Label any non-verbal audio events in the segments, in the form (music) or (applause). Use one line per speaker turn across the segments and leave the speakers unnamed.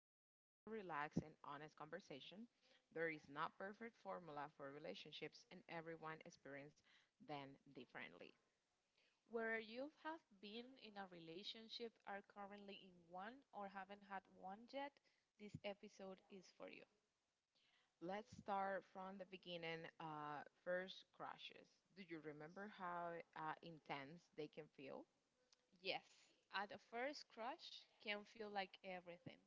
this to be a relaxed and honest conversation. There is not perfect formula for relationships, and everyone experiences them differently.
Whether you have been in a relationship, are currently in one, or haven't had one yet, this episode is for you.
Let's start from the beginning. First crushes. Do you remember how intense they can feel?
Yes, at a first crush can feel like everything.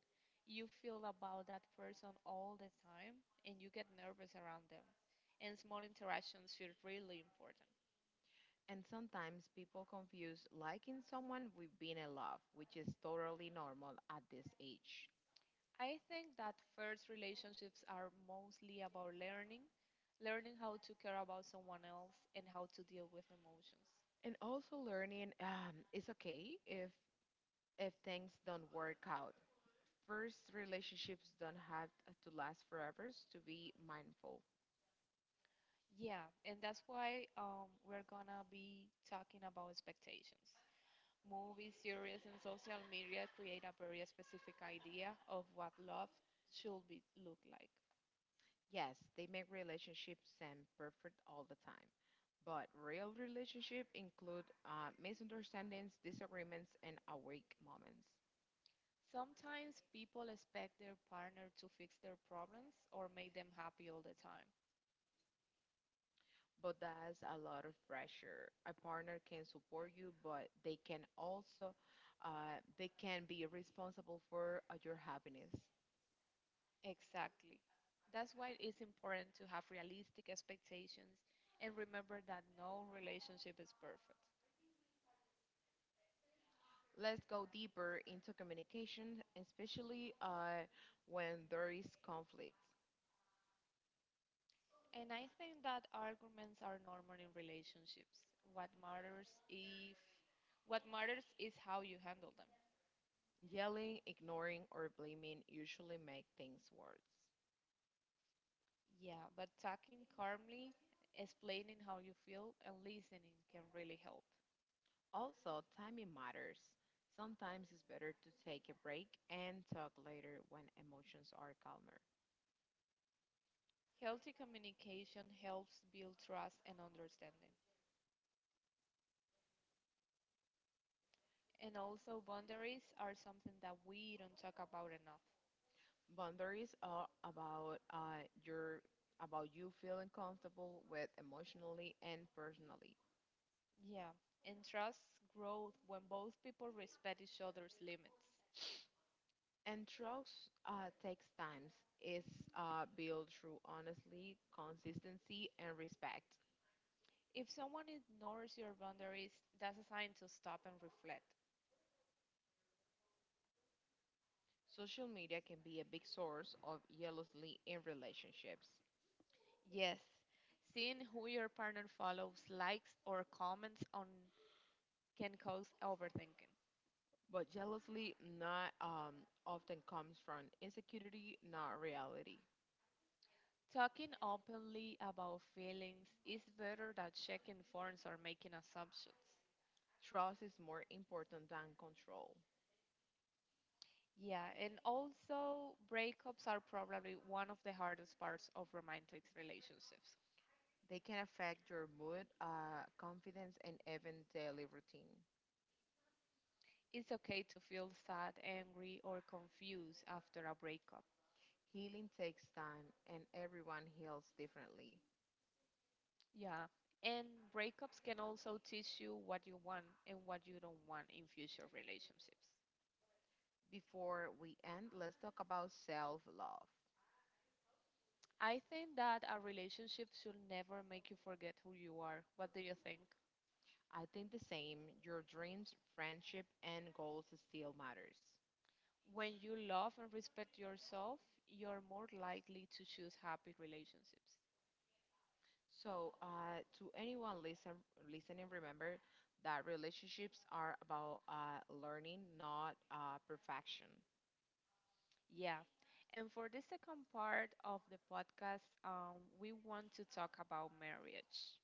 You feel about that person all the time and you get nervous around them. And small interactions feel really important.
And sometimes people confuse liking someone with being in love, which is totally normal at this age.
I think that first relationships are mostly about learning, learning how to care about someone else and how to deal with emotions.
And also learning it's okay if things don't work out. First relationships don't have to last forever to be mindful.
Yeah, and that's why we're gonna be talking about expectations. Movies, series, and social media create a very specific idea of what love should be look like.
Yes, they make relationships seem perfect all the time. But real relationship include misunderstandings, disagreements, and awake moments.
Sometimes people expect their partner to fix their problems or make them happy all the time.
But that's a lot of pressure. A partner can support you, but they can also they can be responsible for your happiness.
Exactly. That's why it's important to have realistic expectations and remember that no relationship is perfect.
Let's go deeper into communication, especially when there is conflict.
And I think that arguments are normal in relationships. What matters if What matters is how you handle them.
Yelling, ignoring, or blaming usually make things worse.
Yeah, but talking calmly, explaining how you feel, and listening can really help.
Also, timing matters. Sometimes it's better to take a break and talk later when emotions are calmer.
Healthy communication helps build trust and understanding. And also, boundaries are something that we don't talk about enough.
Boundaries are about your about you feeling comfortable with emotionally and personally.
Yeah, and trust grows when both people respect each other's limits.
And trust takes time. It's built through honesty, consistency, and respect.
If someone ignores your boundaries, that's a sign to stop and reflect.
Social media can be a big source of jealousy in relationships,
Yes, seeing who your partner follows, likes, or comments on can cause overthinking.
but jealousy not often comes from insecurity, not reality.
Talking openly about feelings is better than checking forms or making assumptions.
Trust is more important than control.
Yeah, and also breakups are probably one of the hardest parts of romantic relationships.
They can affect your mood, confidence, and even daily routine.
It's okay to feel sad, angry, or confused after a breakup.
Healing takes time, and everyone heals differently.
Yeah, and breakups can also teach you what you want and what you don't want in future relationships.
Before we end, let's talk about self love.
I think that a relationship should never make you forget who you are. What do you think?
I think the same. Your dreams, friendship, and goals still matters.
When you love and respect yourself, you're more likely to choose happy relationships.
So, to listening, remember that relationships are about learning, not perfection.
Yeah. And for the second part of the podcast, we want to talk about marriage.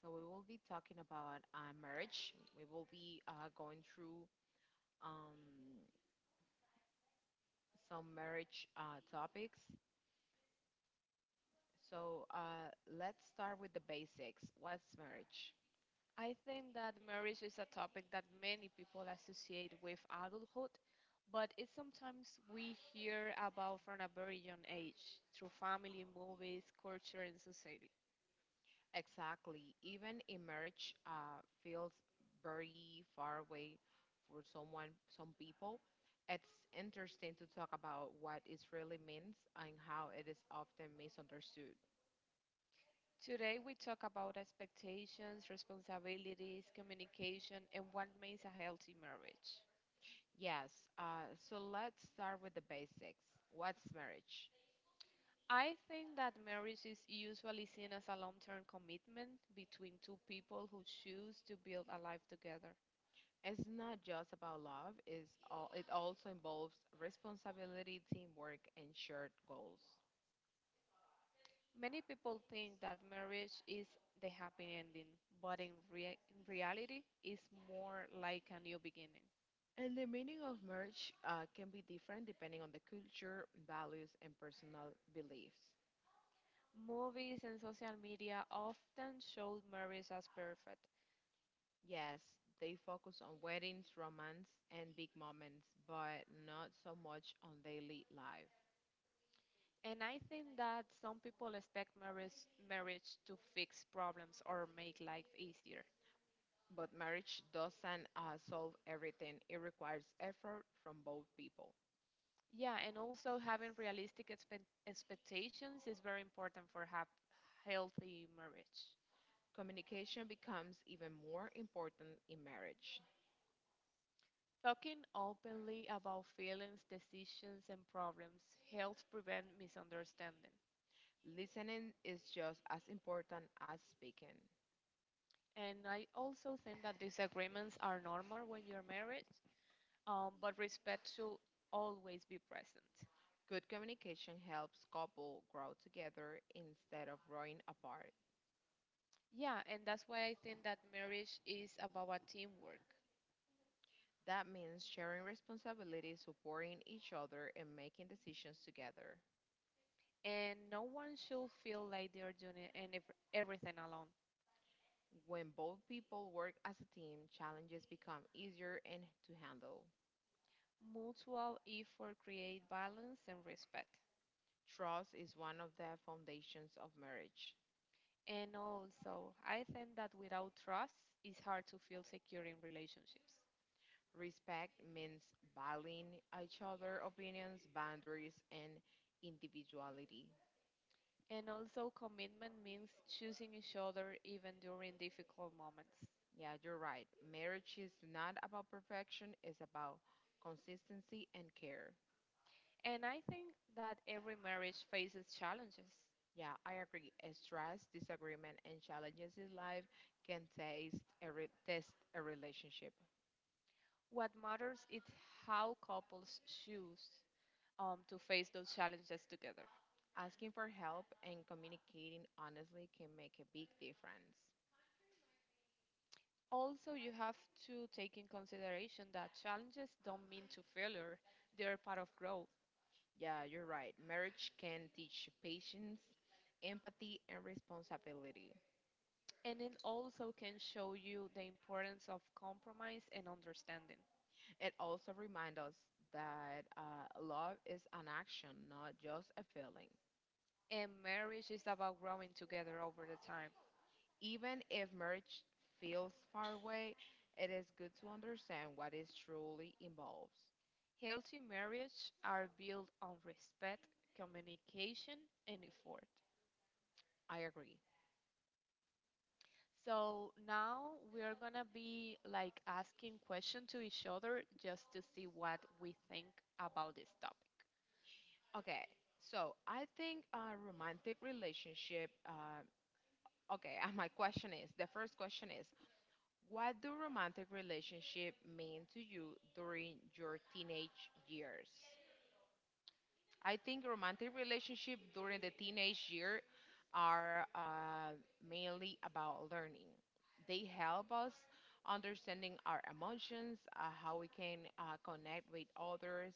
So we will be talking about marriage. We will be going through um, some marriage topics. So let's start with the basics. What's marriage?
I think that marriage is a topic that many people associate with adulthood, but it's sometimes we hear about from a very young age through family, movies, culture, and society.
Exactly. Even in marriage, feels very far away for some people. It's interesting to talk about what it really means and how it is often misunderstood.
Today, we talk about expectations, responsibilities, communication, and what makes a healthy marriage.
Yes, so let's start with the basics. What's marriage?
I think that marriage is usually seen as a long term commitment between two people who choose to build a life together.
It's not just about love, it also involves responsibility, teamwork, and shared goals.
Many people think that marriage is the happy ending, but in reality, it's more like a new beginning.
And the meaning of marriage can be different depending on the culture, values, and personal beliefs.
Movies and social media often show marriage as perfect.
Yes, they focus on weddings, romance, and big moments, but not so much on daily life.
And I think that some people expect marriage to fix problems or make life easier.
But marriage doesn't solve everything, it requires effort from both people.
Yeah, and also having realistic expectations is very important for have healthy marriage.
Communication becomes even more important in marriage.
Talking openly about feelings, decisions, and problems helps prevent misunderstanding.
Listening is just as important as speaking.
And I also think that disagreements are normal when you're married, but respect should always be present.
Good communication helps couple grow together instead of growing apart.
Yeah, and that's why I think that marriage is about a teamwork.
That means sharing responsibilities, supporting each other, and making decisions together.
And no one should feel like they're doing it and everything alone.
When both people work as a team, challenges become easier and to handle.
Mutual effort create balance and respect.
Trust is one of the foundations of marriage.
And also, I think that without trust, it's hard to feel secure in relationships.
Respect means valuing each other's opinions, boundaries, and individuality.
And also, commitment means choosing each other even during difficult moments.
Yeah, you're right. Marriage is not about perfection, it's about consistency and care.
And I think that every marriage faces challenges.
Yeah, I agree. Stress, disagreement, and challenges in life can test a relationship.
What matters is how couples choose to face those challenges together.
Asking for help and communicating honestly can make a big difference.
Also, you have to take in consideration that challenges don't mean to failure, they're part of growth.
Yeah, you're right. Marriage can teach patience, empathy, and responsibility.
And it also can show you the importance of compromise and understanding.
It also reminds us that love is an action, not just a feeling.
And marriage is about growing together over the time.
Even if marriage feels far away, it is good to understand what it truly involves.
Healthy marriages are built on respect, communication, and effort.
I agree.
So now we are gonna be like asking questions to each other just to see what we think about this topic.
Okay, so I think a romantic relationship. Okay, (laughs) my question is what do romantic relationship mean to you during your teenage years? I think romantic relationship during the teenage year are mainly about learning. They help us understanding our emotions, how we can connect with others,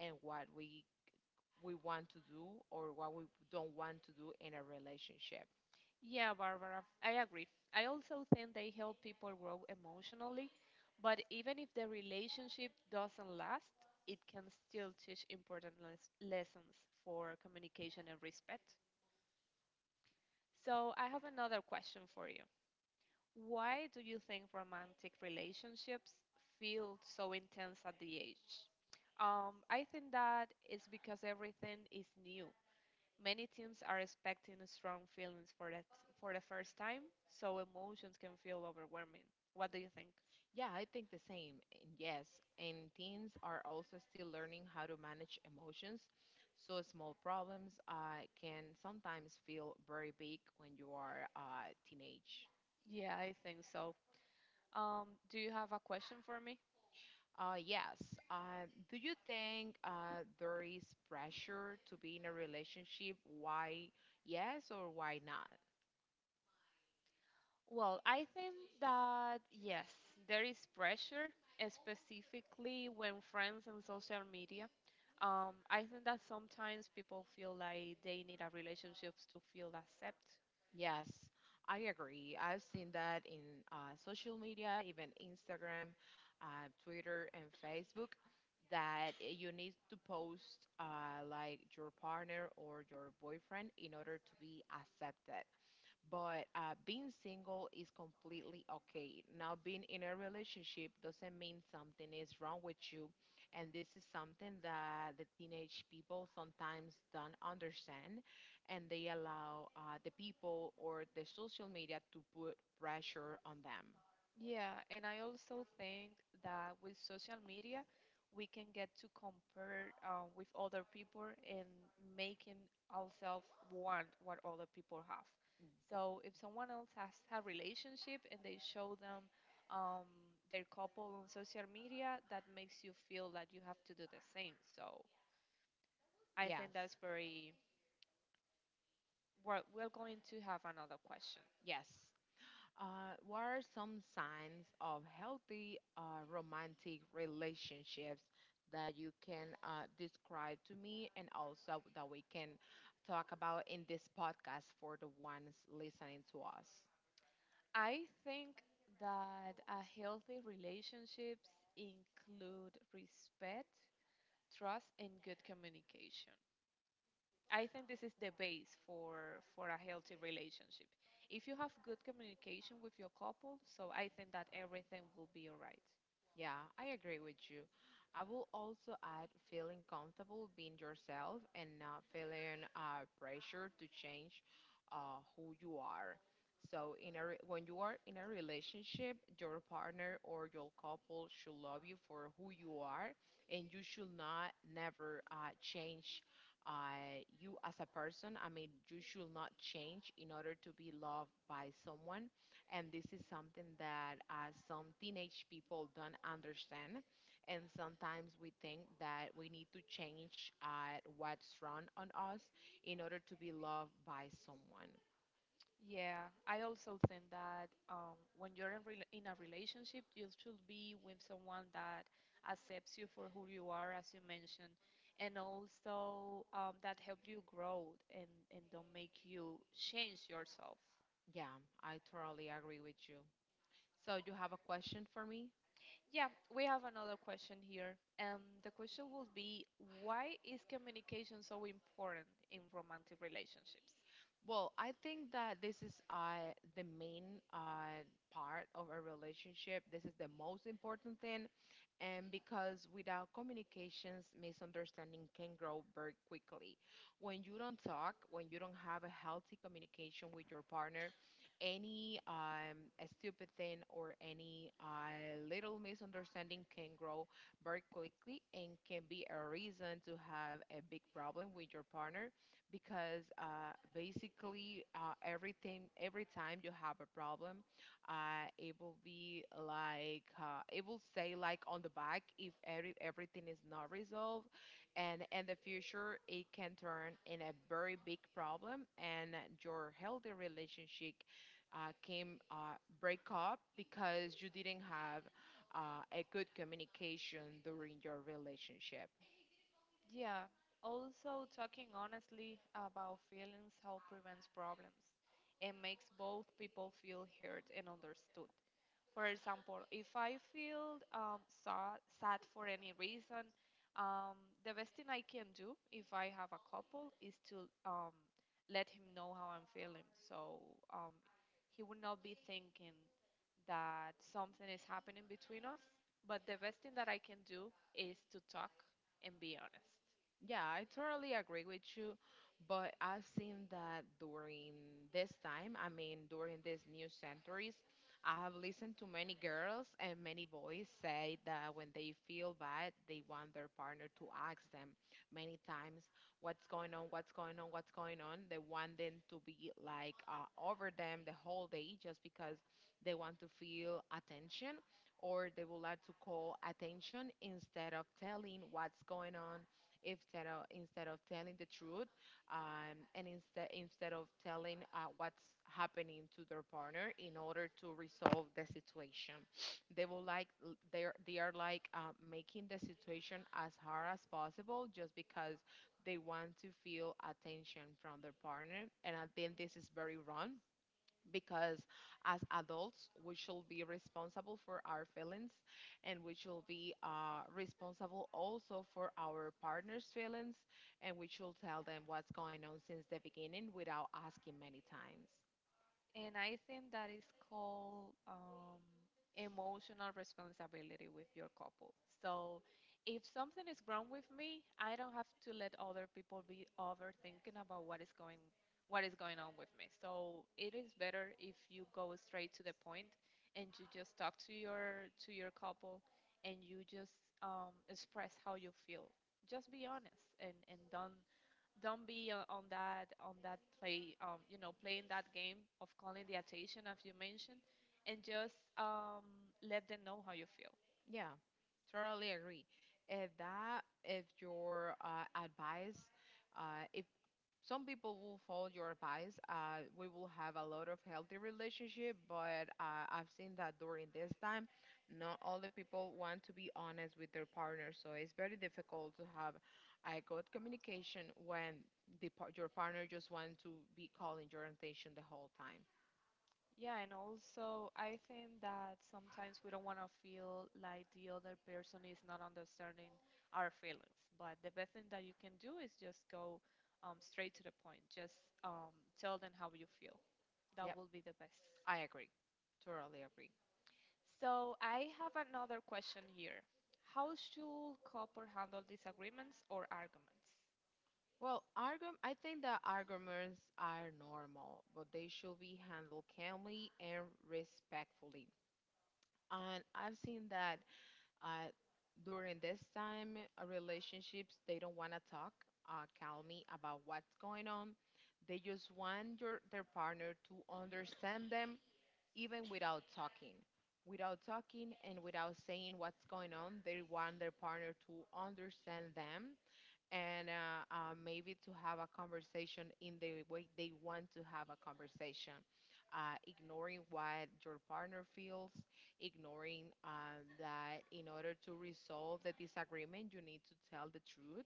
and what we want to do or what we don't want to do in a relationship.
Yeah, Barbara, I agree. I also think they help people grow emotionally, but even if the relationship doesn't last, it can still teach important lessons for communication and respect. So, I have another question for you. Why do you think romantic relationships feel so intense at the age? I think that it's because everything is new. Many teams are expecting strong feelings for that for the first time, so emotions can feel overwhelming. What do you think?
Yeah, I think the same. And yes, and teens are also still learning how to manage emotions. So small problems can sometimes feel very big when you are teenage.
Yeah, I think so. Do you have a question for me?
Yes. Uh, do you think there is pressure to be in a relationship? Why yes or why not?
Well, I think that yes, there is pressure, specifically when friends and social media. I think that sometimes people feel like they need a relationship to feel accepted.
Yes, I agree. I've seen that in social media, even Instagram, Twitter, and Facebook, that you need to post like your partner or your boyfriend in order to be accepted but being single is completely okay. Now, being in a relationship doesn't mean something is wrong with you, and this is something that the teenage people sometimes don't understand, and they allow the people or the social media to put pressure on them.
Yeah, and I also think that with social media, we can get to compare with other people and making ourselves want what other people have. So if someone else has a relationship and they show them um, their couple on social media, that makes you feel that you have to do the same. So
Mm.
I
Yes,
think that's very well. We're going to have another question.
yes. What are some signs of healthy romantic relationships that you can describe to me and also that we can talk about in this podcast for the ones listening to us?
I think that a healthy relationships include respect, trust, and good communication. I think this is the base for a healthy relationship. If you have good communication with your couple, so I think that everything will be alright.
Yeah, I agree with you. I will also add feeling comfortable being yourself and not feeling pressure to change who you are. So, when you are in a relationship, your partner or your couple should love you for who you are, and you should not never change you as a person. I mean, you should not change in order to be loved by someone and this is something that some teenage people don't understand. And sometimes we think that we need to change what's wrong on us in order to be loved by someone.
Yeah, I also think that when you're in a relationship, you should be with someone that accepts you for who you are, as you mentioned, and also that help you grow and don't make you change yourself.
Yeah, I totally agree with you. So, you have a question for me?
Yeah, we have another question here, and the question will be, why is communication so important in romantic relationships?
Well, I think that this is the main part of a relationship. This is the most important thing. And because without communications, misunderstanding can grow very quickly. When you don't talk, when you don't have a healthy communication with your partner, any a stupid thing or any little misunderstanding can grow very quickly and can be a reason to have a big problem with your partner because basically everything every time you have a problem, it will be like it will say like on the back if everything is not resolved, and in the future it can turn in a very big problem, and your healthy relationship came break up because you didn't have a good communication during your relationship.
Yeah, also talking honestly about feelings help prevents problems and makes both people feel heard and understood. For example, if I feel sad for any reason, um, the best thing I can do if I have a couple is to let him know how I'm feeling. So um, he would not be thinking that something is happening between us. But the best thing that I can do is to talk and be honest.
Yeah, I totally agree with you, but I've seen that during this time, I mean, during these new centuries, I have listened to many girls and many boys say that when they feel bad, they want their partner to ask them many times, what's going on, what's going on, what's going on. They want them to be like over them the whole day just because they want to feel attention or they would like to call attention instead of telling what's going on instead of telling the truth and instead of telling what's happening to their partner in order to resolve the situation they will like they are like making the situation as hard as possible just because they want to feel attention from their partner and I think this is very wrong because as adults we should be responsible for our feelings and we should be responsible also for our partner's feelings and we should tell them what's going on since the beginning without asking many times.
And I think that is called emotional responsibility with your couple. So if something is wrong with me, I don't have to let other people be overthinking about what is going on with me. So it is better if you go straight to the point and you just talk to your couple and you just express how you feel. Just be honest and don't be on that play, you know, playing that game of calling the attention as you mentioned, and just let them know how you feel.
Yeah, totally agree. If that if your uh, advice uh, if some people will follow your advice we will have a lot of healthy relationship but I've seen that during this time not all the people want to be honest with their partner so it's very difficult to have a good communication when your partner just wants to be calling your attention the whole time.
Yeah, and also I think that sometimes we don't want to feel like the other person is not understanding our feelings, but the best thing that you can do is just go straight to the point, just um, tell them how you feel. That
Yep,
will be the best.
I agree. Totally agree.
So I have another question here. How should couple handle disagreements or arguments?
Well argum I think that arguments are normal but they should be handled calmly and respectfully and I've seen that Uh, during this time, relationships, they don't want to talk calmly about what's going on. They just want their partner to understand them even without talking. Without talking and without saying what's going on, they want their partner to understand them and maybe to have a conversation in the way they want to have a conversation, ignoring what your partner feels, ignoring that in order to resolve the disagreement, you need to tell the truth.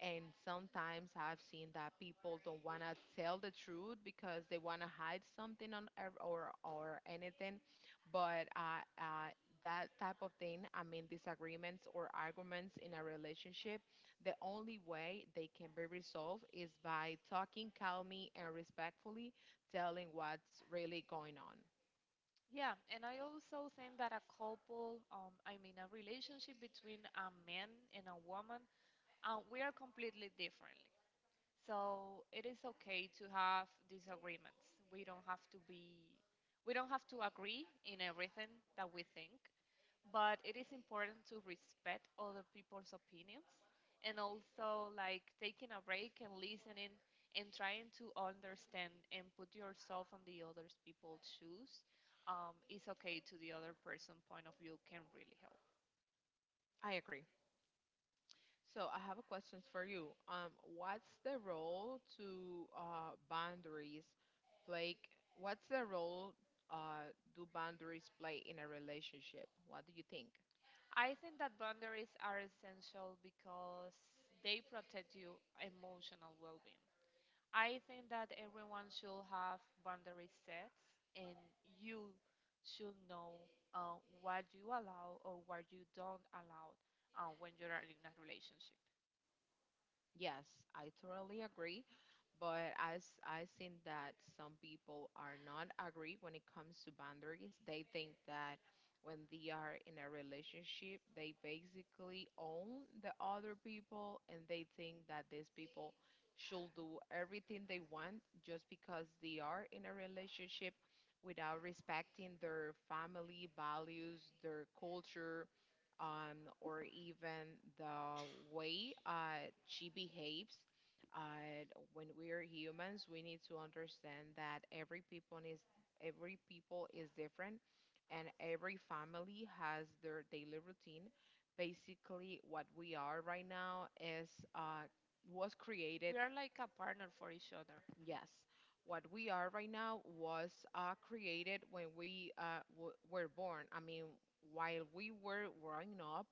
And sometimes I've seen that people don't want to tell the truth because they want to hide something on ev- or anything, but that type of thing, I mean disagreements or arguments in a relationship the only way they can be resolved is by talking calmly and respectfully, telling what's really going on.
Yeah, and I also think that a couple, I mean a relationship between a man and a woman, we are completely differently. So it is okay to have disagreements. We don't have to agree in everything that we think, but it is important to respect other people's opinions and also like taking a break and listening and trying to understand and put yourself on the other people's shoes. Is okay to the other person point of view can really help.
I agree. So I have a question for you. What's the role to boundaries play? What's the role do boundaries play in a relationship? What do you think?
I think that boundaries are essential because they protect you emotional well-being. I think that everyone should have boundary sets, and you should know what you allow or what you don't allow when you're in a relationship.
Yes, I totally agree. But as I think that some people are not agree when it comes to boundaries, they think that when they are in a relationship, they basically own the other people and they think that these people should do everything they want just because they are in a relationship without respecting their family values, their culture, or even the way she behaves. Uh, when we are humans, we need to understand that every people is different, and every family has their daily routine. Basically, what we are right now is uh, was created.
We are like a partner for each other.
Yes, what we are right now was created when we were born. I mean, while we were growing up,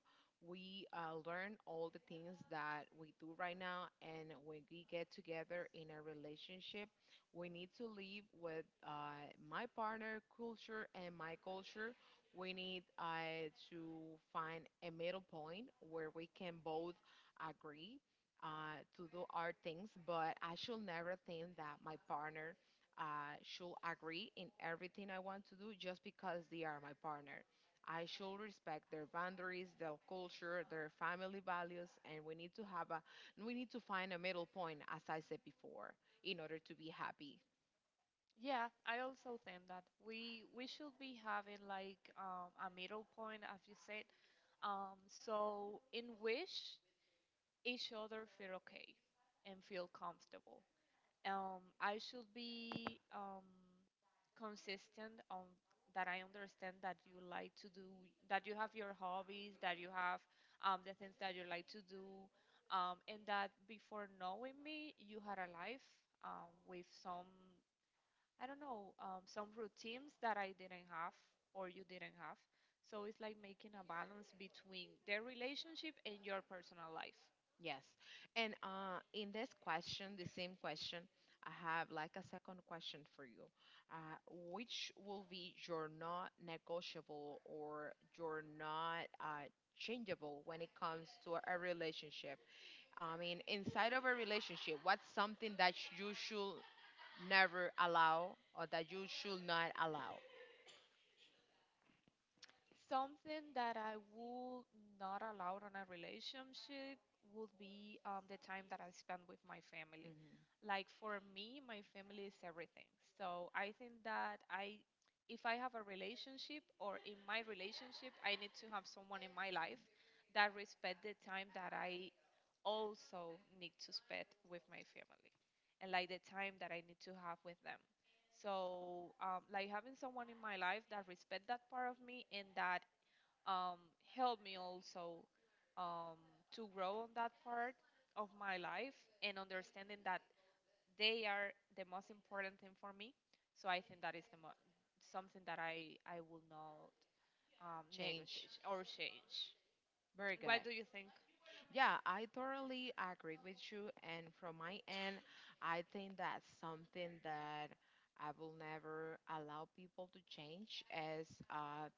we learn all the things that we do right now. And when we get together in a relationship, we need to live with my partner culture and my culture. We need to find a middle point where we can both agree to do our things, but I should never think that my partner should agree in everything I want to do just because they are my partner. I should respect their boundaries, their culture, their family values, and we need to find a middle point, as I said before, in order to be happy.
Yeah, I also think that we should be having like a middle point, as you said, so in which each other feel okay and feel comfortable. I should be consistent on that. I understand that you like to do, that you have your hobbies, that you have the things that you like to do, and that before knowing me, you had a life with some, I don't know, some routines that I didn't have or you didn't have. So it's like making a balance between their relationship and your personal life.
Yes. And in this question, the same question, I have like a second question for you. Uh, which will be your not negotiable or your not changeable when it comes to a relationship? I mean, inside of a relationship, what's something that you should never allow or that you should not allow?
Something that I would not allow on a relationship would be the time that I spend with my family.
Hmm.
Like for me, my family is everything. So I think that if I have a relationship or in my relationship, I need to have someone in my life that respect the time that I also need to spend with my family and like the time that I need to have with them. So like having someone in my life that respect that part of me and that um, help me also um, to grow on that part of my life and understanding that they are the most important thing for me. So I think that is something that I will not
Change.
negotiate or change.
Very good.
What do you think?
Yeah, I totally agree with you. And from my end, I think that's something that I will never allow people to change as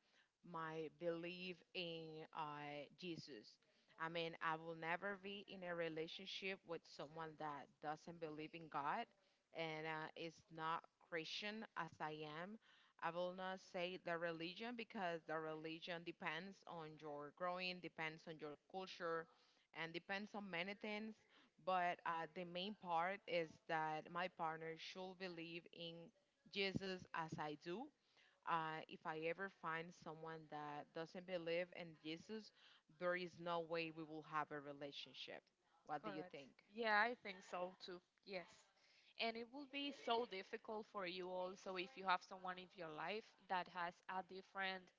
my belief in Jesus. I mean, I will never be in a relationship with someone that doesn't believe in God and is not Christian as I am. I will not say the religion because the religion depends on your growing, depends on your culture and depends on many things. But the main part is that my partner should believe in Jesus as I do. If I ever find someone that doesn't believe in Jesus, there is no way we will have a relationship. What do you
Correct.
think?
Yeah, I think so too. Yes. And it will be so difficult for you also if you have someone in your life that has a different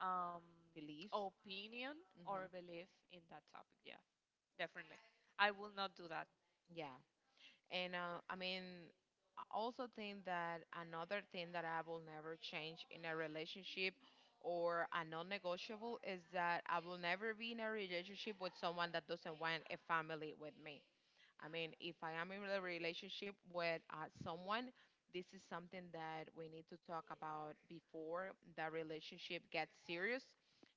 um,
Beliefs?
opinion or
Hmm.
belief in that topic. Yeah, definitely. I will not do that.
Yeah. And I mean, I also think that another thing that I will never change in a relationship or a non negotiable is that I will never be in a relationship with someone that doesn't want a family with me. I mean, if I am in a relationship with someone, this is something that we need to talk about before the relationship gets serious.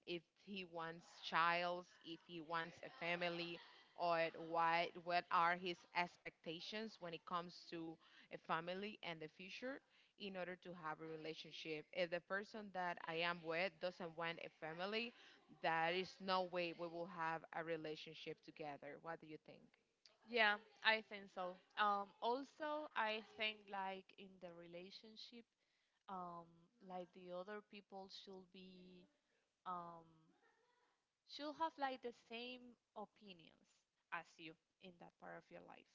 If he wants childs, if he wants a family, or what are his expectations when it comes to a family and the future in order to have a relationship. If the person that I am with doesn't want a family, there is no way we will have a relationship together. What do you think?
Yeah, I think so. Also, I think like in the relationship, um, like the other people should be um, she'll have like the same opinions as you in that part of your life.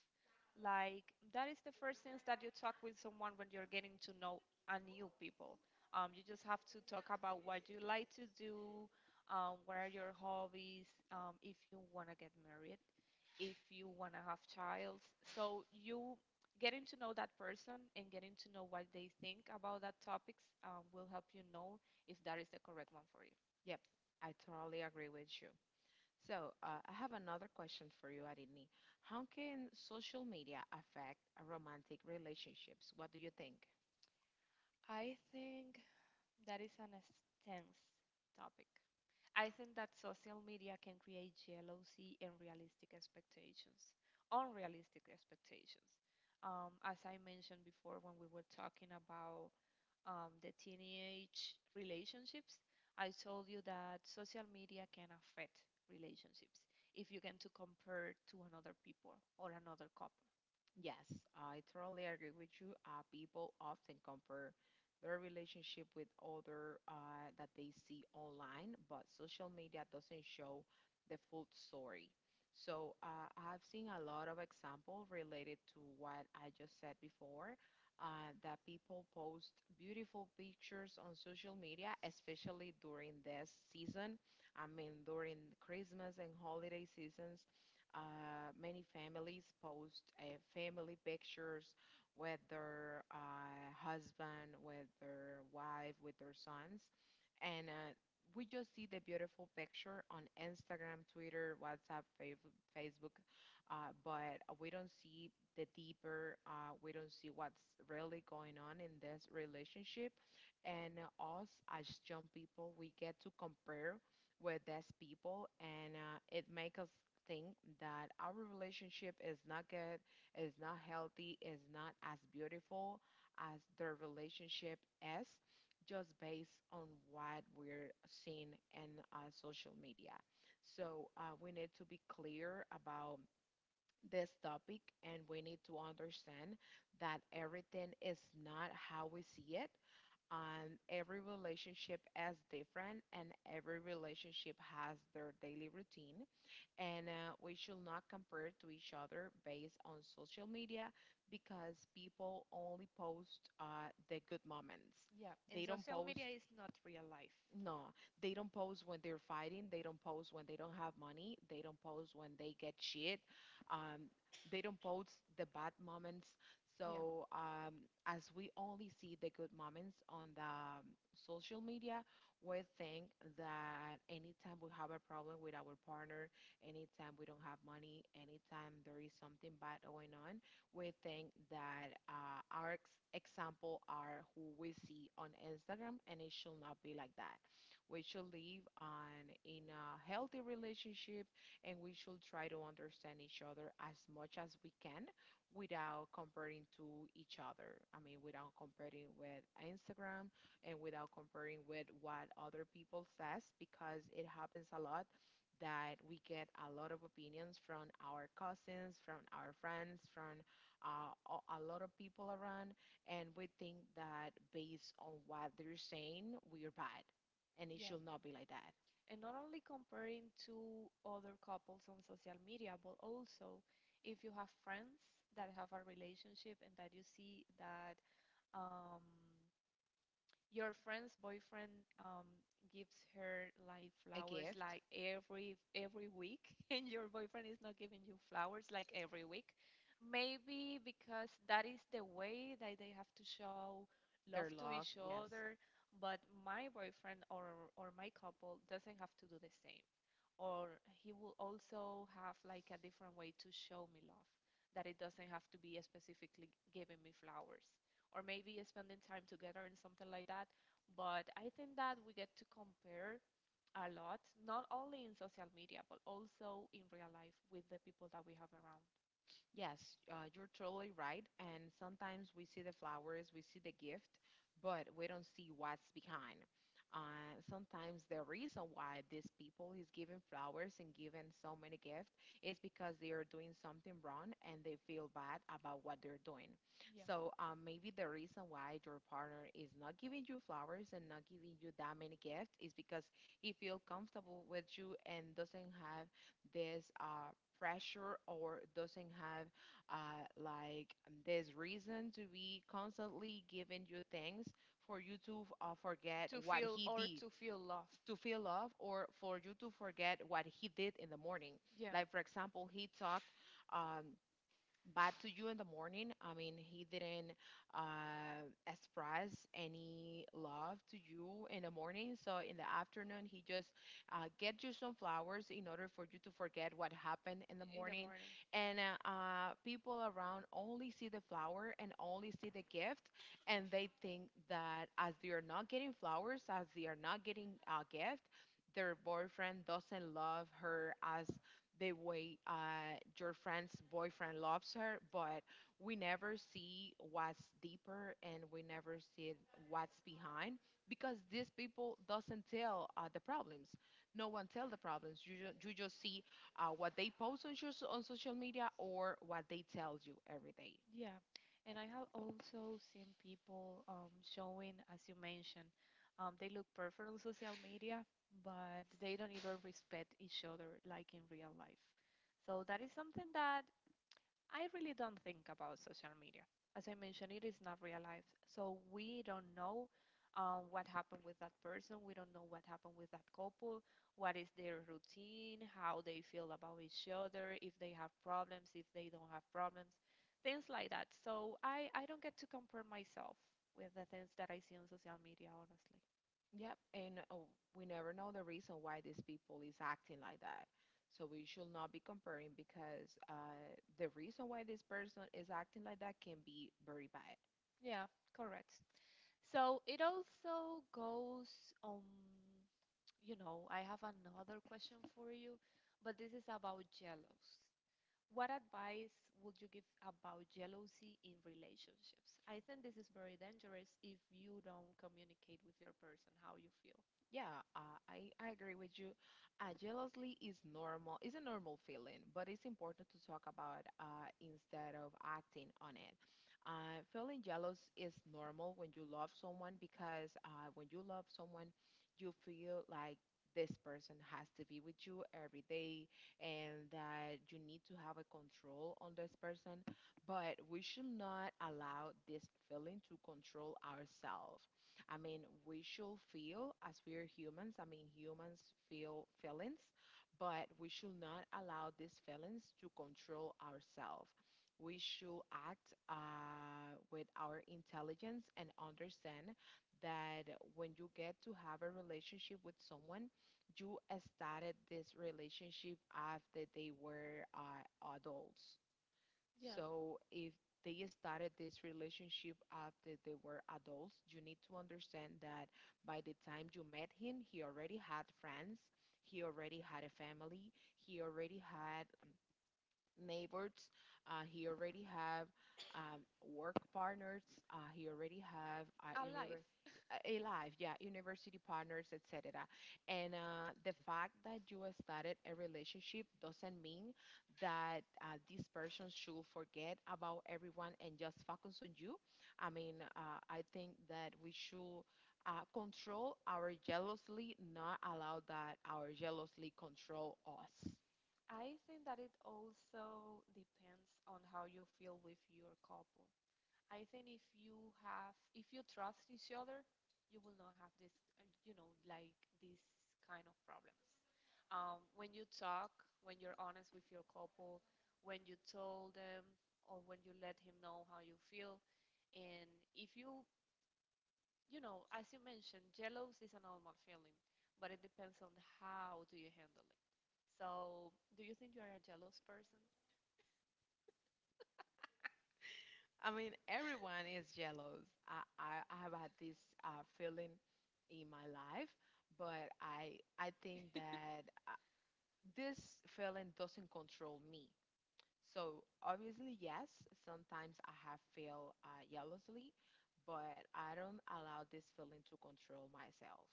Like that is the first things that you talk with someone when you're getting to know a new people. You just have to talk about what you like to do, what are your hobbies, if you want to get married, if you want to have child. So you getting to know that person and getting to know what they think about that topics will help you know if that is the correct one for you.
Yep, I totally agree with you. So, I have another question for you, Arini. How can social media affect romantic relationships? What do you think?
I think that is an extensive topic. I think that social media can create jealousy and realistic expectations, unrealistic expectations. As I mentioned before, when we were talking about the teenage relationships, I told you that social media can affect relationships if you can to compare to another people or another couple.
Yes, I totally agree with you. People often compare their relationship with other that they see online, but social media doesn't show the full story. So I've seen a lot of examples related to what I just said before, that people post beautiful pictures on social media, especially during this season. I mean, during Christmas and holiday seasons many families post family pictures with their husband, with their wife, with their sons, and we just see the beautiful picture on Instagram, Twitter, WhatsApp, Facebook, but we don't see the deeper. We don't see what's really going on in this relationship, and us as young people, we get to compare with these people, and it makes us think that our relationship is not good, is not healthy, is not as beautiful as their relationship is, just based on what we're seeing in social media. So we need to be clear about this topic and we need to understand that everything is not how we see it and every relationship is different and every relationship has their daily routine and we should not compare to each other based on social media because people only post the good moments.
Yeah, and
They don't
social
post,
media is not real life.
no, they don't pose when they're fighting. They don't pose when they don't have money. They don't pose when they get shit. Um, they don't pose the bad moments.
Yeah.
So as we only see the good moments on the social media, we think that anytime we have a problem with our partner, anytime we don't have money, anytime there is something bad going on, we think that our example are who we see on Instagram, and it should not be like that. We should live on in a healthy relationship and we should try to understand each other as much as we can without comparing to each other. I mean, without comparing with Instagram and without comparing with what other people says because it happens a lot that we get a lot of opinions from our cousins, from our friends, from a lot of people around, and we think that based on what they're saying, we're bad and it
Yeah.
should not be like that.
And not only comparing to other couples on social media, but also if you have friends that have a relationship and that you see that um, your friend's boyfriend gives her like
A
flowers
gift,
like every week, (laughs) and your boyfriend is not giving you flowers like every week. Maybe because that is the way that they have to show
their
love to
love,
each
yes.
other, but my boyfriend or my couple doesn't have to do the same or he will also have like a different way to show me love that it doesn't have to be specifically giving me flowers or maybe spending time together and something like that, but I think that we get to compare a lot, not only in social media but also in real life with the people that we have around.
Yes, you're totally right. And sometimes we see the flowers, we see the gift, but we don't see what's behind. Sometimes the reason why these people is giving flowers and giving so many gifts is because they are doing something wrong and they feel bad about what they're doing.
Yeah.
So maybe the reason why your partner is not giving you flowers and not giving you that many gifts is because he feel comfortable with you and doesn't have this pressure or doesn't have this reason to be constantly giving you things for you to forget
To
what
feel
he
or
did
to feel love.
to feel love or for you to forget what he did in the morning,
Yeah,
like for example he talked um, bad to you in the morning. I mean, he didn't express any love to you in the morning. So in the afternoon, he just get you some flowers in order for you to forget what happened in the
in the
morning.
morning.
And people around only see the flower and only see the gift, and they think that as they are not getting flowers, as they are not getting a gift, their boyfriend doesn't love her as the way your friend's boyfriend loves her, but we never see what's deeper and we never see what's behind because these people doesn't tell the problems. No one tell the problems. You just see what they post on, on social media or what they tell you every day.
Yeah, and I have also seen people showing, as you mentioned, they look perfect on social media, but they don't even respect each other like in real life. So that is something that I really don't think about social media. As I mentioned, it is not real life. So we don't know what happened with that person. We don't know what happened with that couple. What is their routine, how they feel about each other, if they have problems, if they don't have problems, things like that. So I don't get to compare myself with the things that I see on social media, honestly.
Yep, and we never know the reason why these people is acting like that. So we should not be comparing because the reason why this person is acting like that can be very bad.
Yeah, correct. So it also goes on. You know, I have another question for you, but this is about jealousy. What advice would you give about jealousy in relationships? I think this is very dangerous if you don't communicate with your person how you feel.
Yeah, I agree with you. Jealously is normal, is a normal feeling, but it's important to talk about instead of acting on it. Feeling jealous is normal when you love someone because when you love someone, you feel like this person has to be with you every day and that you need to have a control on this person. But we should not allow this feeling to control ourselves. I mean, we should feel as we are humans. I mean, humans feel feelings, but we should not allow these feelings to control ourselves. We should act with our intelligence and understand that when you get to have a relationship with someone, you started this relationship after they were adults. So if they started this relationship after they were adults, you need to understand that by the time you met him, he already had friends, he already had a family, he already had neighbors. He already have work partners. He already have
A life.
a life, yeah, university partners, etc. And the fact that you started a relationship doesn't mean that this person should forget about everyone and just focus on you. I mean, I think that we should control our jealousy, not allow that our jealousy control us.
I think that it also depends on how you feel with your couple. I think if you have, if you trust each other, you will not have this, you know, like these kind of problems. When you talk, when you're honest with your couple, when you told them or when you let him know how you feel, and if you, you know, as you mentioned, jealous is a normal feeling, but it depends on how do you handle it. So, do you think you are a jealous person?
I mean, everyone is jealous. I have had this feeling in my life, but I think that this feeling doesn't control me. So obviously, yes, sometimes I have feel jealously, but I don't allow this feeling to control myself.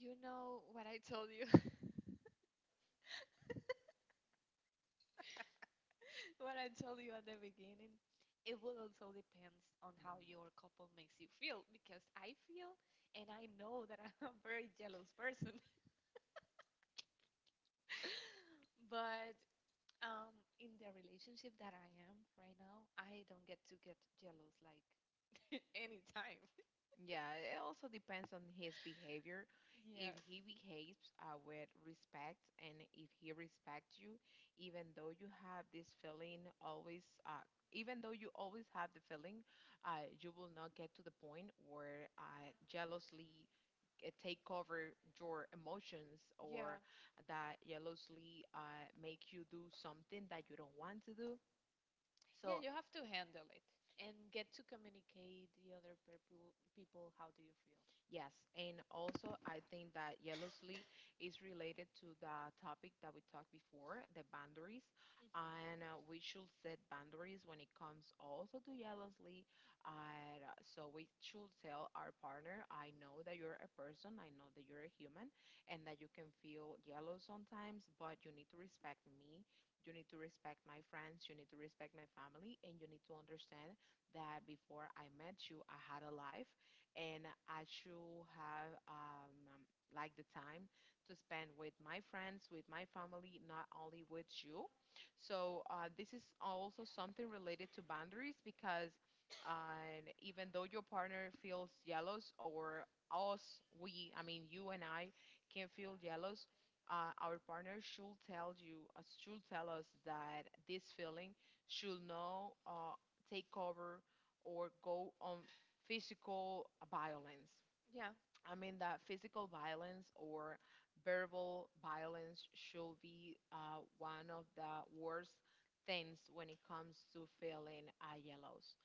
You know what I told you, what I told you at the beginning, it will also depends on how
Mhm.
your couple makes you feel because I feel and I know that I'm a very jealous person. (laughs) But in the relationship that I am right now, I don't get to get jealous like (laughs) anytime. (laughs)
Yeah, it also depends on his behavior. If he behaves with respect and if he respects you, even though you have this feeling always, uh, even though you always have the feeling, you will not get to the point where jealously take over your emotions
Yeah.
or that jealously make you do something that you don't want to do. So
You have to handle it and get to communicate the other people how do you feel.
yes, and also I think that jealously is related to the topic that we talked before, the boundaries, and we should set boundaries when it comes also to jealously. And so we should tell our partner, I know that you're a person, I know that you're a human, and that you can feel jealous sometimes, but you need to respect me. You need to respect my friends, you need to respect my family, and you need to understand that before I met you, I had a life and I should have like the time to spend with my friends, with my family, not only with you. So this is also something related to boundaries because even though your partner feels jealous or us, I mean you and I, can feel jealous. Our partner should tell you, should tell us that this feeling should not take over or go on physical violence.
Yeah.
I mean that physical violence or verbal violence should be one of the worst things when it comes to feeling yellows.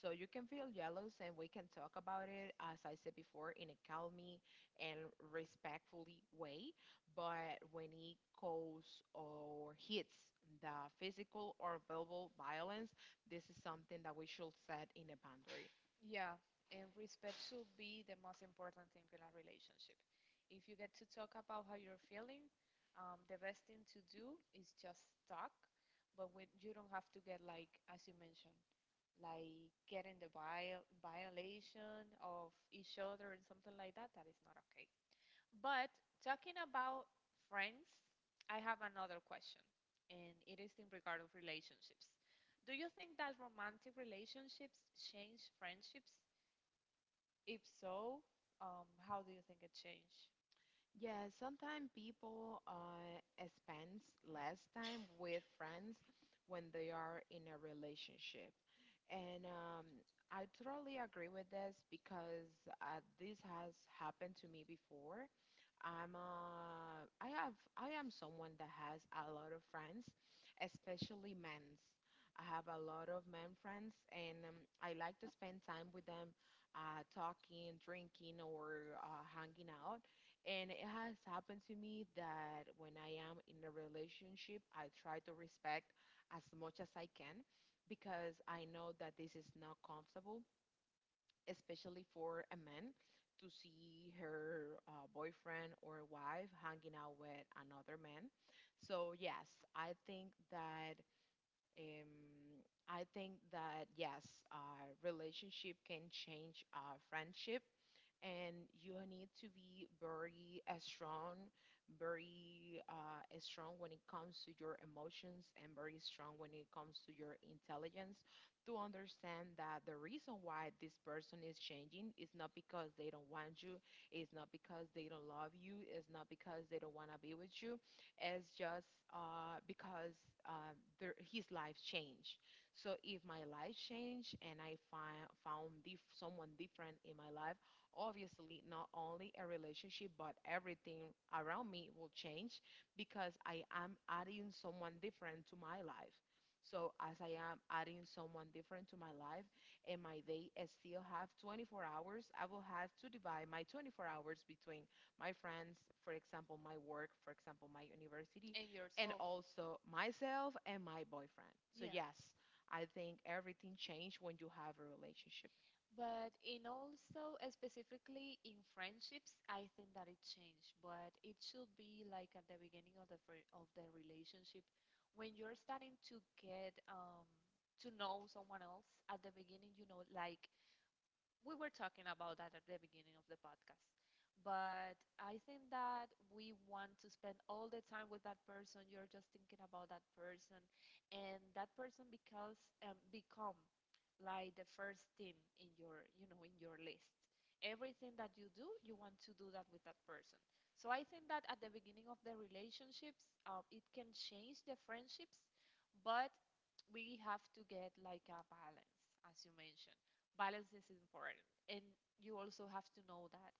So you can feel yellows, and we can talk about it, as I said before, in a calmly and respectfully way. But when it goes or hits the physical or verbal violence, this is something that we should set in a boundary.
Yeah, and respect should be the most important thing in a relationship. If you get to talk about how you're feeling, the best thing to do is just talk, but when you don't have to get like, as you mentioned, like getting the violation of each other and something like that, that is not okay. But talking about friends, I have another question, and it is in regard of relationships. Do you think that romantic relationships change friendships? If so, how do you think it change
Yeah, sometimes people spend less time with friends when they are in a relationship. And I totally agree with this because this has happened to me before. I'm I have I am someone that has a lot of friends, especially men's. I have a lot of men friends, and I like to spend time with them, talking, drinking, or hanging out. And it has happened to me that when I am in a relationship, I try to respect as much as I can because I know that this is not comfortable, especially for a man to see her boyfriend or wife hanging out with another man. So yes, I think that yes, relationship can change friendship and you need to be very strong, very strong when it comes to your emotions, and very strong when it comes to your intelligence to understand that the reason why this person is changing is not because they don't want you, it's not because they don't love you, it's not because they don't want to be with you, it's just because his life changed. So if my life changed and I find found dif- someone different in my life, obviously not only a relationship but everything around me will change because I am adding someone different to my life. So as I am adding someone different to my life and my day I still have 24 hours, I will have to divide my 24 hours between my friends, for example, my work, for example, my university,
in yours?
and also myself and my boyfriend. So yes, I think everything changed when you have a relationship.
But in also specifically in friendships, I think that it changed, but it should be like at the beginning of the of the relationship when you're starting to get to know someone else at the beginning, you know, like we were talking about that at the beginning of the podcast, but I think that we want to spend all the time with that person, you're just thinking about that person, and that person becomes become like the first thing in your, you know, in your list, everything that you do you want to do that with that person. So I think that at the beginning of the relationships it can change the friendships, but we have to get like a balance. As you mentioned, balance is important. And you also have to know that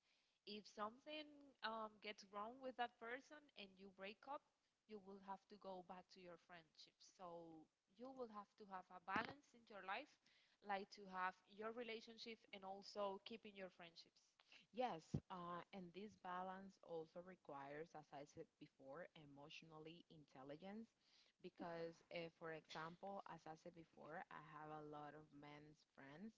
if something gets wrong with that person and you break up, you will have to go back to your friendship. So you will have to have a balance in your life, like to have your relationship and also keeping your friendships.
Yes, and this balance also requires, as I said before, emotionally intelligence. Because, if, for example, as I said before, I have a lot of men's friends.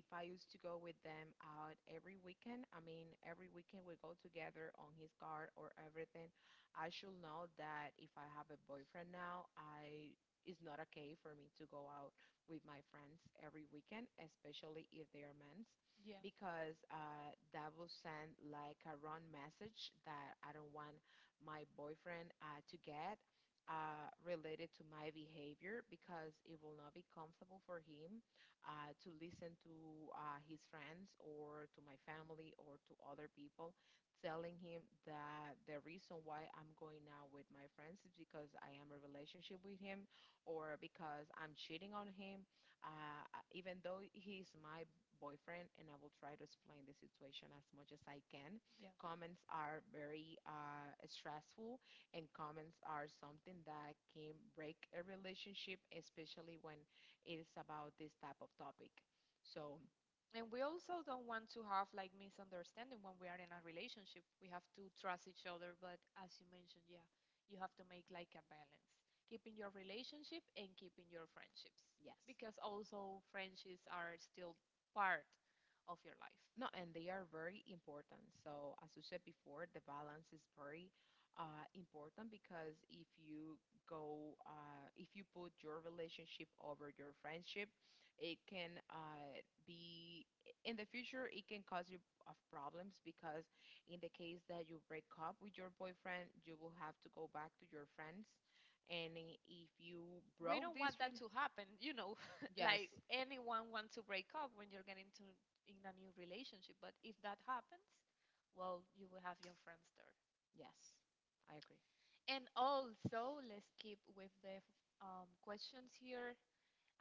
If I used to go with them out every weekend, I mean, every weekend we go together on his car or everything, I should know that if I have a boyfriend now, I. It's not okay for me to go out with my friends every weekend, especially if they are men
Yeah.
because that will send like a wrong message that I don't want my boyfriend to get related to my behavior because it will not be comfortable for him to listen to his friends or to my family or to other people telling him that the reason why I'm going out with my friends is because I am a relationship with him or because I'm cheating on him. Even though he's my boyfriend and I will try to explain the situation as much as I can. Comments are very stressful, and comments are something that can break a relationship, especially when it's about this type of topic. So,
And we also don't want to have like misunderstanding when we are in a relationship, we have to trust each other, but as you mentioned, yeah, you have to make like a balance, keeping your relationship and keeping your friendships,
yes.
because also friendships are still part of your life.
No, and they are very important. So, as you said before, the balance is very important because if you if you put your relationship over your friendship, it can be in the future. It can cause you of problems because in the case that you break up with your boyfriend, you will have to go back to your friends, and if you broke this, rel
To happen, you know.
yes,
(laughs) Anyone wants to break up when you're getting to in a new relationship, but if that happens, well, you will have your friends there.
yes, I agree.
And also, let's keep with the questions here.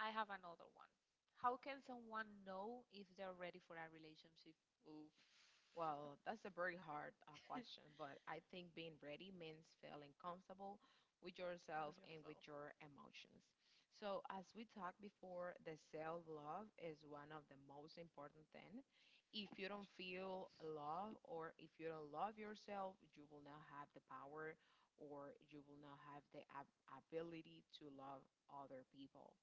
I have another one. How can someone know if they're ready for a relationship? Oof.
Well, that's a very hard question, but I think being ready means feeling comfortable with yourself and with your emotions. So, as we talked before, the self-love is one of the most important thing. If you don't feel love or if you don't love yourself, you will not have the power or you will not have the ability to love other people.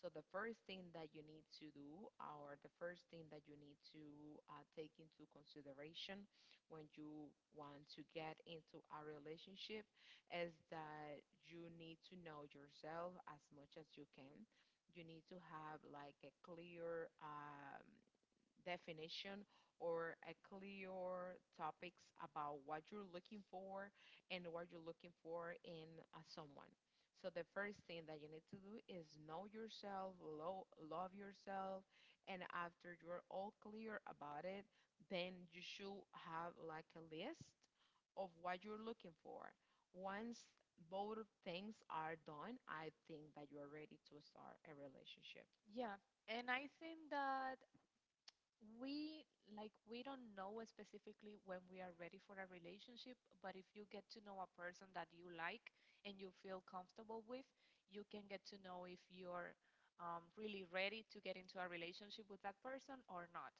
So the first thing that you need to do, or the first thing that you need to take into consideration when you want to get into a relationship, is that you need to know yourself as much as you can. You need to have like a clear definition or a clear topics about what you're looking for and what you're looking for in someone. So the first thing that you need to do is know yourself, love yourself, and after you're all clear about it, then you should have like a list of what you're looking for. Once both of things are done, I think that you are ready to start a relationship.
Yeah, and I think that we, like we don't know specifically when we are ready for a relationship, but if you get to know a person that you like and you feel comfortable with, you can get to know if you're really ready to get into a relationship with that person or not.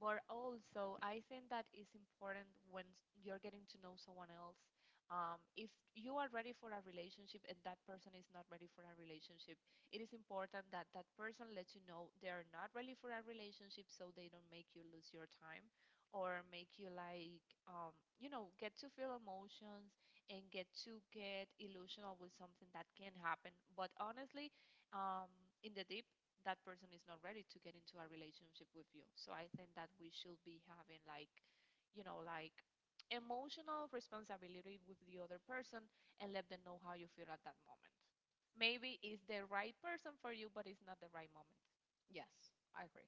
But also I think that is important when you're getting to know someone else, if you are ready for a relationship and that person is not ready for a relationship, it is important that that person lets you know they're not ready for a relationship so they don't make you lose your time or make you like um, you know, get to feel emotions and get to get illusional with something that can happen, but honestly, um, in the deep, that person is not ready to get into a relationship with you. So I think that we should be having like, you know, like emotional responsibility with the other person and let them know how you feel at that moment. Maybe it's the right person for you, but it's not the right moment.
Yes, I agree.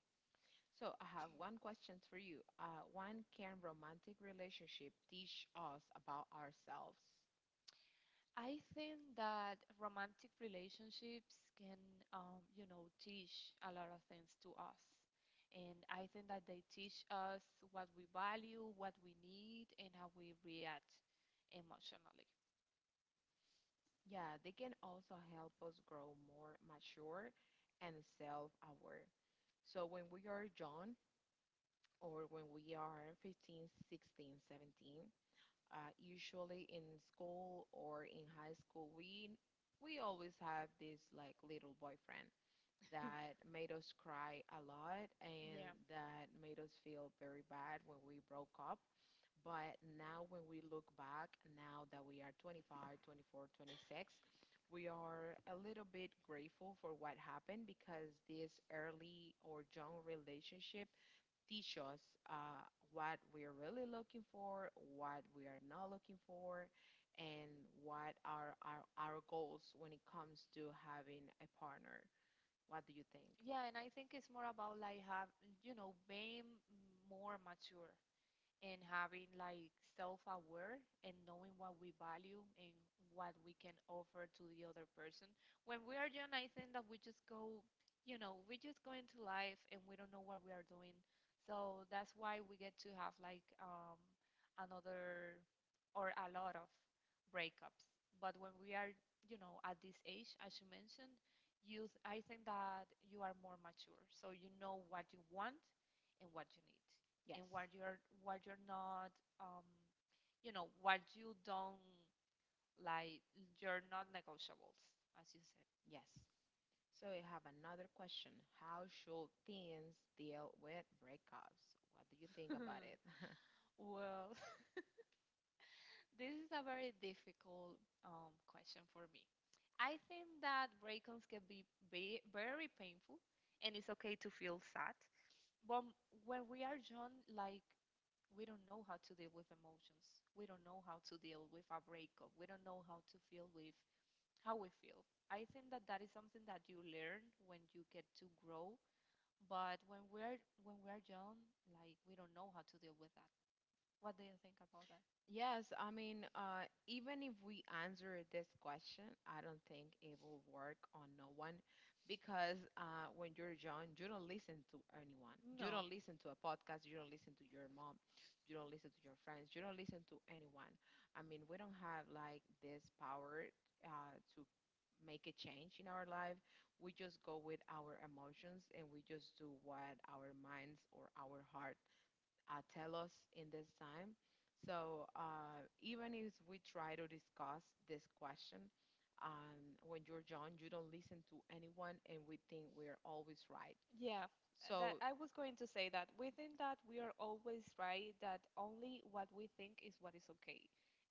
So I have one question for you. When can romantic relationship teach us about ourselves?
I think that romantic relationships can, you know, teach a lot of things to us. And I think that they teach us what we value, what we need, and how we react emotionally.
Yeah, they can also help us grow more mature and self-aware. So when we are young or when we are 15, 16, 17, usually in school or in high school, we always have this like little boyfriend
(laughs)
that made us cry a lot and
Yeah.
that made us feel very bad when we broke up. But now, when we look back, now that we are 25, 24, 26, we are a little bit grateful for what happened because this early or young relationship teach us what we are really looking for, what we are not looking for, and what are our goals when it comes to having a partner. What do you think?
Yeah, and I think it's more about like have, you know, being more mature and having like self-aware and knowing what we value and what we can offer to the other person. When we are young, I think that we just go, you know, we just go into life and we don't know what we are doing. So that's why we get to have like another or a lot of breakups. But when we are, at this age, as you mentioned, I think that you are more mature, so you know what you want and what you need
Yes.
and what you're not, um you know what you don't like, you're not negotiables, as you said.
Yes. So we have another question. How should teens deal with breakups? What do you think about it? (laughs)
Well, (laughs) this is a very difficult question for me. I think that break-ons can be very painful, and it's okay to feel sad, but m- when we are young, like we don't know how to deal with emotions, we don't know how to deal with a breakup, we don't know how to feel with how we feel. I think that that is something that you learn when you get to grow, but when we're young, like we don't know how to deal with that. What do you think about that?
Yes, I mean, even if we answer this question, I don't think it will work on no one because when you're young, you don't listen to anyone. You don't listen to a podcast. You don't listen to your mom. You don't listen to your friends. You don't listen to anyone. I mean, we don't have like this power to make a change in our life. We just go with our emotions and we just do what our minds or our heart tell us in this time. So even if we try to discuss this question, when you're young, you don't listen to anyone, and we think we're always right. Mhm.
Yeah,
So
I was going to say that. We think that we are always right, that only what we think is what is okay,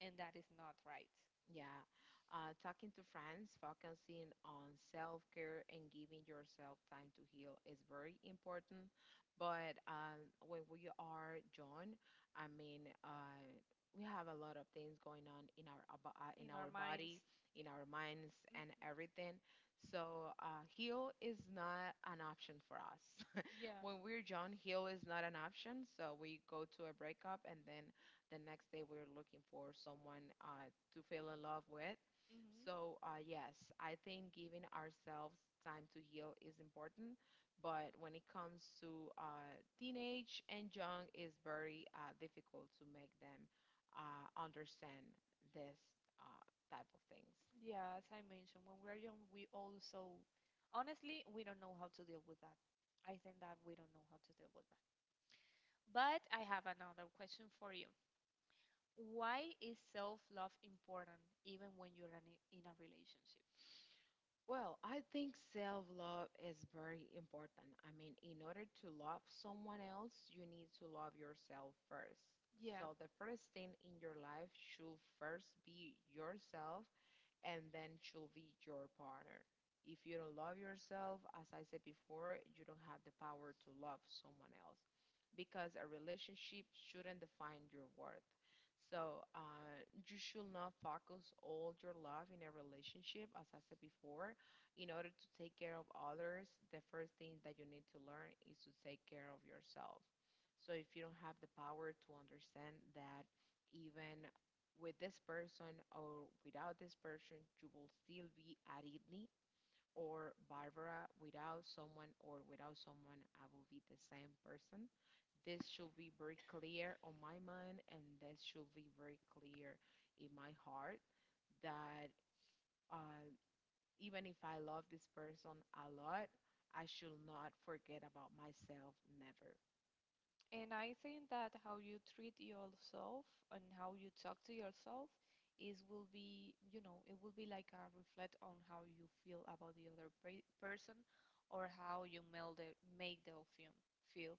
and that is not right.
yeah, talking to friends, focusing on self care and giving yourself time to heal is very important. But when we are John, I mean, we have a lot of things going on in in our body, in our minds, and everything. So heal is not an option for us. (laughs) When we're John, heal is not an option. So we go to a breakup and then the next day we were looking for someone to feel in love with. So, yes, I think giving ourselves time to heal is important, but when it comes to teenage and young, it's very difficult to make them understand this uh, type of things.
Yeah, as I mentioned, when we're young, we also, honestly, we don't know how to deal with that. I think that we don't know how to deal with that. But I have another question for you. Why is self love important even when you're in a relationship?
Well, I think self love is very important. I mean, in order to love someone else, you need to love yourself first. Yeah. So, the first thing in your life should first be yourself and then should be your partner. If you don't love yourself, as I said before, you don't have the power to love someone else because a relationship shouldn't define your worth. You should not focus all your love in a relationship, as I said before. In order to take care of others, the first thing that you need to learn is to take care of yourself. So if you don't have the power to understand that even with this person or without this person, you will still be Aridni or Barbara. Without someone or without someone, I will be the same person. This should be very clear on my mind, and this should be very clear in my heart that uh, even if I love this person a lot, I should not forget about myself, never.
And I think that how you treat yourself and how you talk to yourself is will be, you know, it will be like a reflect on how you feel about the person, or how you meld it, make the film feel.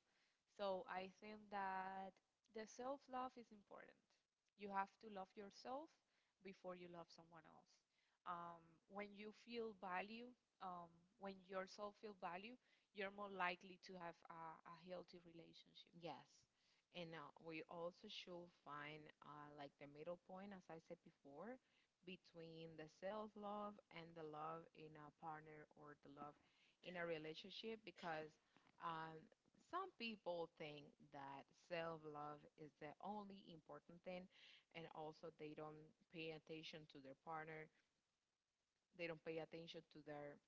So I think that the self-love is important. You have to love yourself before you love someone else. When you feel value, um, when yourself feel value, you're more likely to have a healthy relationship.
Yes. And now we also should find like the middle point, as I said before, between the self love and the love in a partner or the love in a relationship, because um, some people think that self love is the only important thing, and also they don't pay attention to their partner, they don't pay attention to their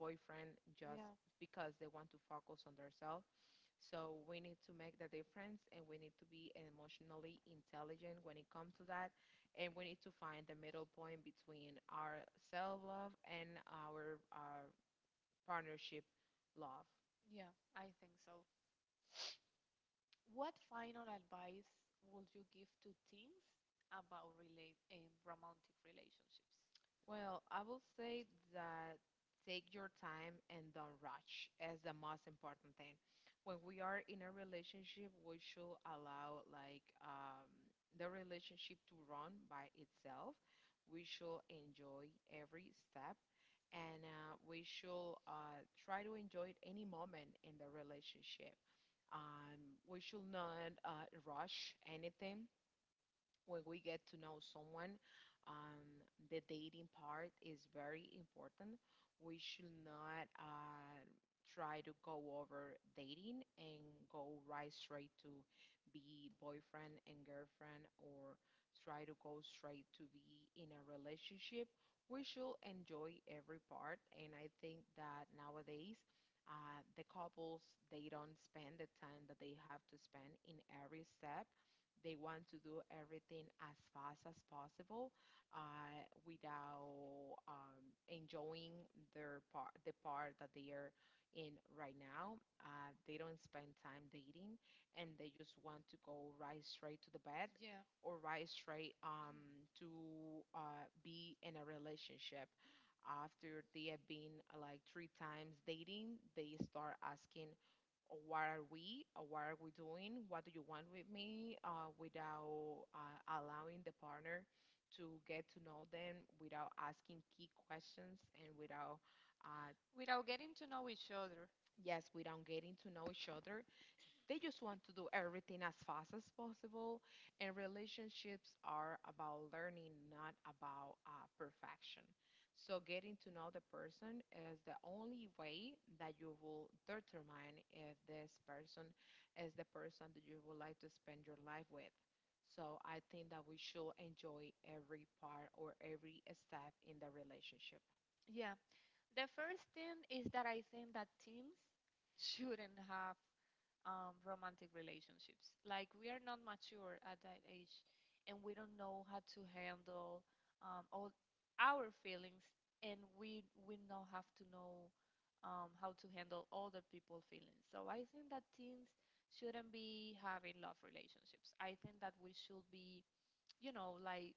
boyfriend just
Yeah,
because they want to focus on themselves. So we need to make the difference and we need to be emotionally intelligent when it comes to that. And we need to find the middle point between our self love and our partnership love.
yeah, I think so. What final advice would you give to teens about relate romantic relationships?
Well, I will say that take your time and don't rush as the most important thing. When we are in a relationship, we should allow like the relationship to run by itself. We should enjoy every step and we should try to enjoy any moment in the relationship. We should not rush anything when we get to know someone. The dating part is very important. We should not try to go over dating and go right straight to be boyfriend and girlfriend, or try to go straight to be in a relationship. We should enjoy every part, and I think that nowadays, the couples, they don't spend the time that they have to spend in every step. They want to do everything as fast as possible, without enjoying their part, the part that they are in right now. They don't spend time dating, and they just want to go right straight to the bed or right straight to be in a relationship. After they have been like three times dating, they start asking, or what are we, or what are we doing, what do you want with me, without allowing the partner to get to know them, without asking key questions and without uh,
Without getting to know each other.
yes, without getting to know each other. They just want to do everything as fast as possible, and relationships are about learning, not about perfection. So, getting to know the person is the only way that you will determine if this person is the person that you would like to spend your life with. So, I think that we should enjoy every part or every step in the relationship.
Yeah, the first thing is that I think that teens shouldn't have romantic relationships. Like, we are not mature at that age, and we don't know how to handle all our feelings, and we now have to know how to handle other people's feelings. So I think that teens shouldn't be having love relationships. I think that we should be, you know, like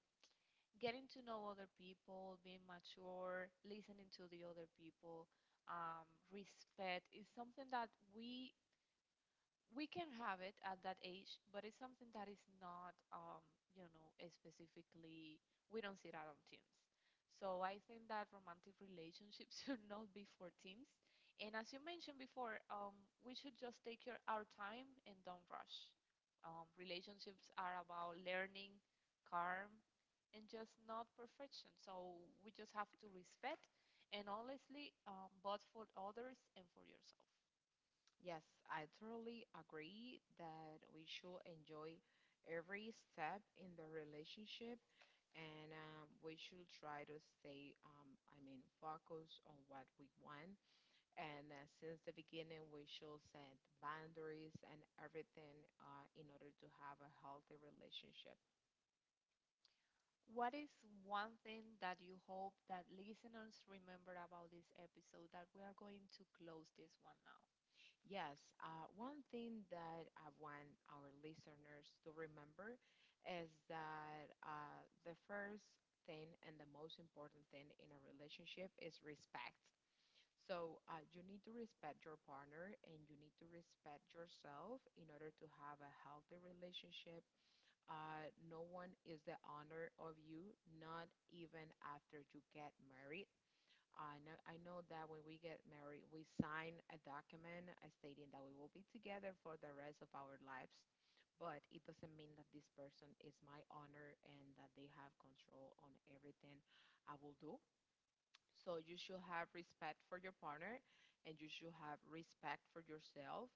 getting to know other people, being mature, listening to the other people. Respect is something that we we can have it at that age, but it's something that is not, you know, specifically, we don't see that on teens. So I think that romantic relationships (laughs) should not be for teens. And as you mentioned before, we should just our time and don't rush. Relationships are about learning, calm, and just not perfection. So we just have to respect, and honestly, both for others and for yourself.
Yes, I totally agree that we should enjoy every step in the relationship, and we should try to stay, I mean, focused on what we want. And since the beginning, we should set boundaries and everything in order to have a healthy relationship.
What is one thing that you hope that listeners remember about this episode that we are going to close this one now?
Yes, one thing that I want our listeners to remember is that the first thing and the most important thing in a relationship is respect. So you need to respect your partner and you need to respect yourself in order to have a healthy relationship. No one is the owner of you, not even after you get married. I know that when we get married, we sign a document stating that we will be together for the rest of our lives, but it doesn't mean that this person is my owner and that they have control on everything I will do. So you should have respect for your partner and you should have respect for yourself.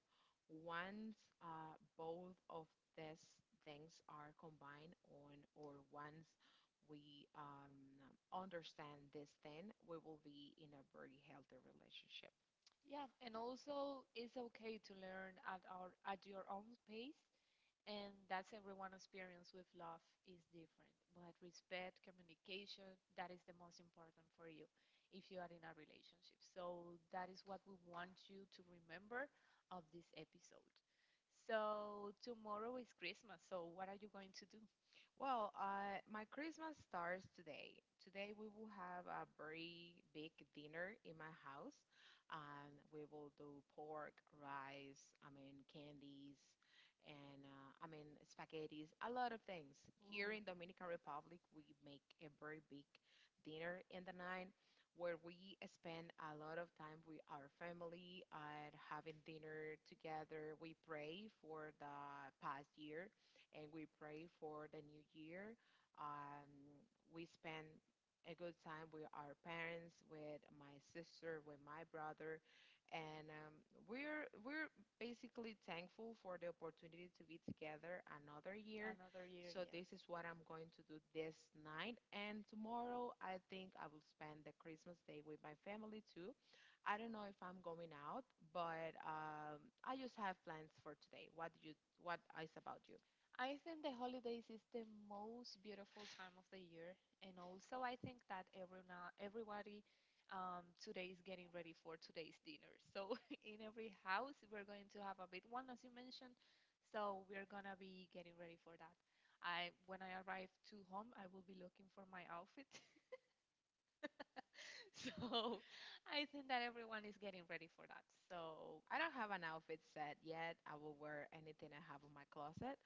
Once both of these things are combined, on or once we, understand this, then we will be in a very healthy relationship.
Yeah, and also it's okay to learn at our at your own pace, and that's everyone's experience with love is different. But respect, communication, that is the most important for you if you are in a relationship. So that is what we want you to remember of this episode. So tomorrow is Christmas, so what are you going to do?
Well, my Christmas starts today. Today we will have a very big dinner in my house, and we will do pork, rice, I mean candies, and I mean spaghettis, a lot of things. Here in Dominican Republic, we make a very big dinner in the night, where we spend a lot of time with our family and having dinner together. We pray for the past year and we pray for the new year. Um, we spend a good time with our parents, with my sister, with my brother, and we're basically thankful for the opportunity to be together another year.
Another
So
year.
this is what I'm going to do this night, and tomorrow I think I will spend the Christmas day with my family too. I don't know if I'm going out, but I just have plans for today. What do you? What is about you?
I think the holidays is the most beautiful time of the year, and also I think that everybody, today, is getting ready for today's dinner. So (laughs) in every house we're going to have a big one, as you mentioned. So we're gonna be getting ready for that. I When I arrive to home, I will be looking for my outfit. (laughs) So I think that everyone is getting ready for that. So
I don't have an outfit set yet. I will wear anything I have in my closet.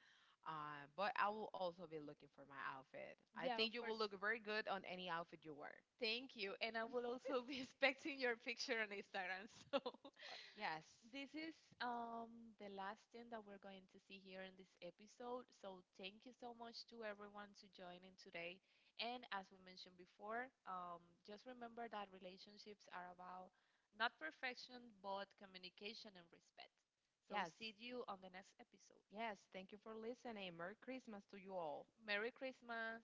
But I will also be looking for my outfit. I think you will look very good on any outfit you wear.
thank you. And I will also be (laughs) expecting your picture on Instagram. So
Uh, yes.
(laughs) this is, the last thing that we're going to see here in this episode. So thank you so much to everyone to join in today. And as we mentioned before, just remember that relationships are about not perfection, but communication and respect.
Yes.
See you on the next episode.
Yes. Thank you for listening. Merry Christmas to you all.
Merry Christmas.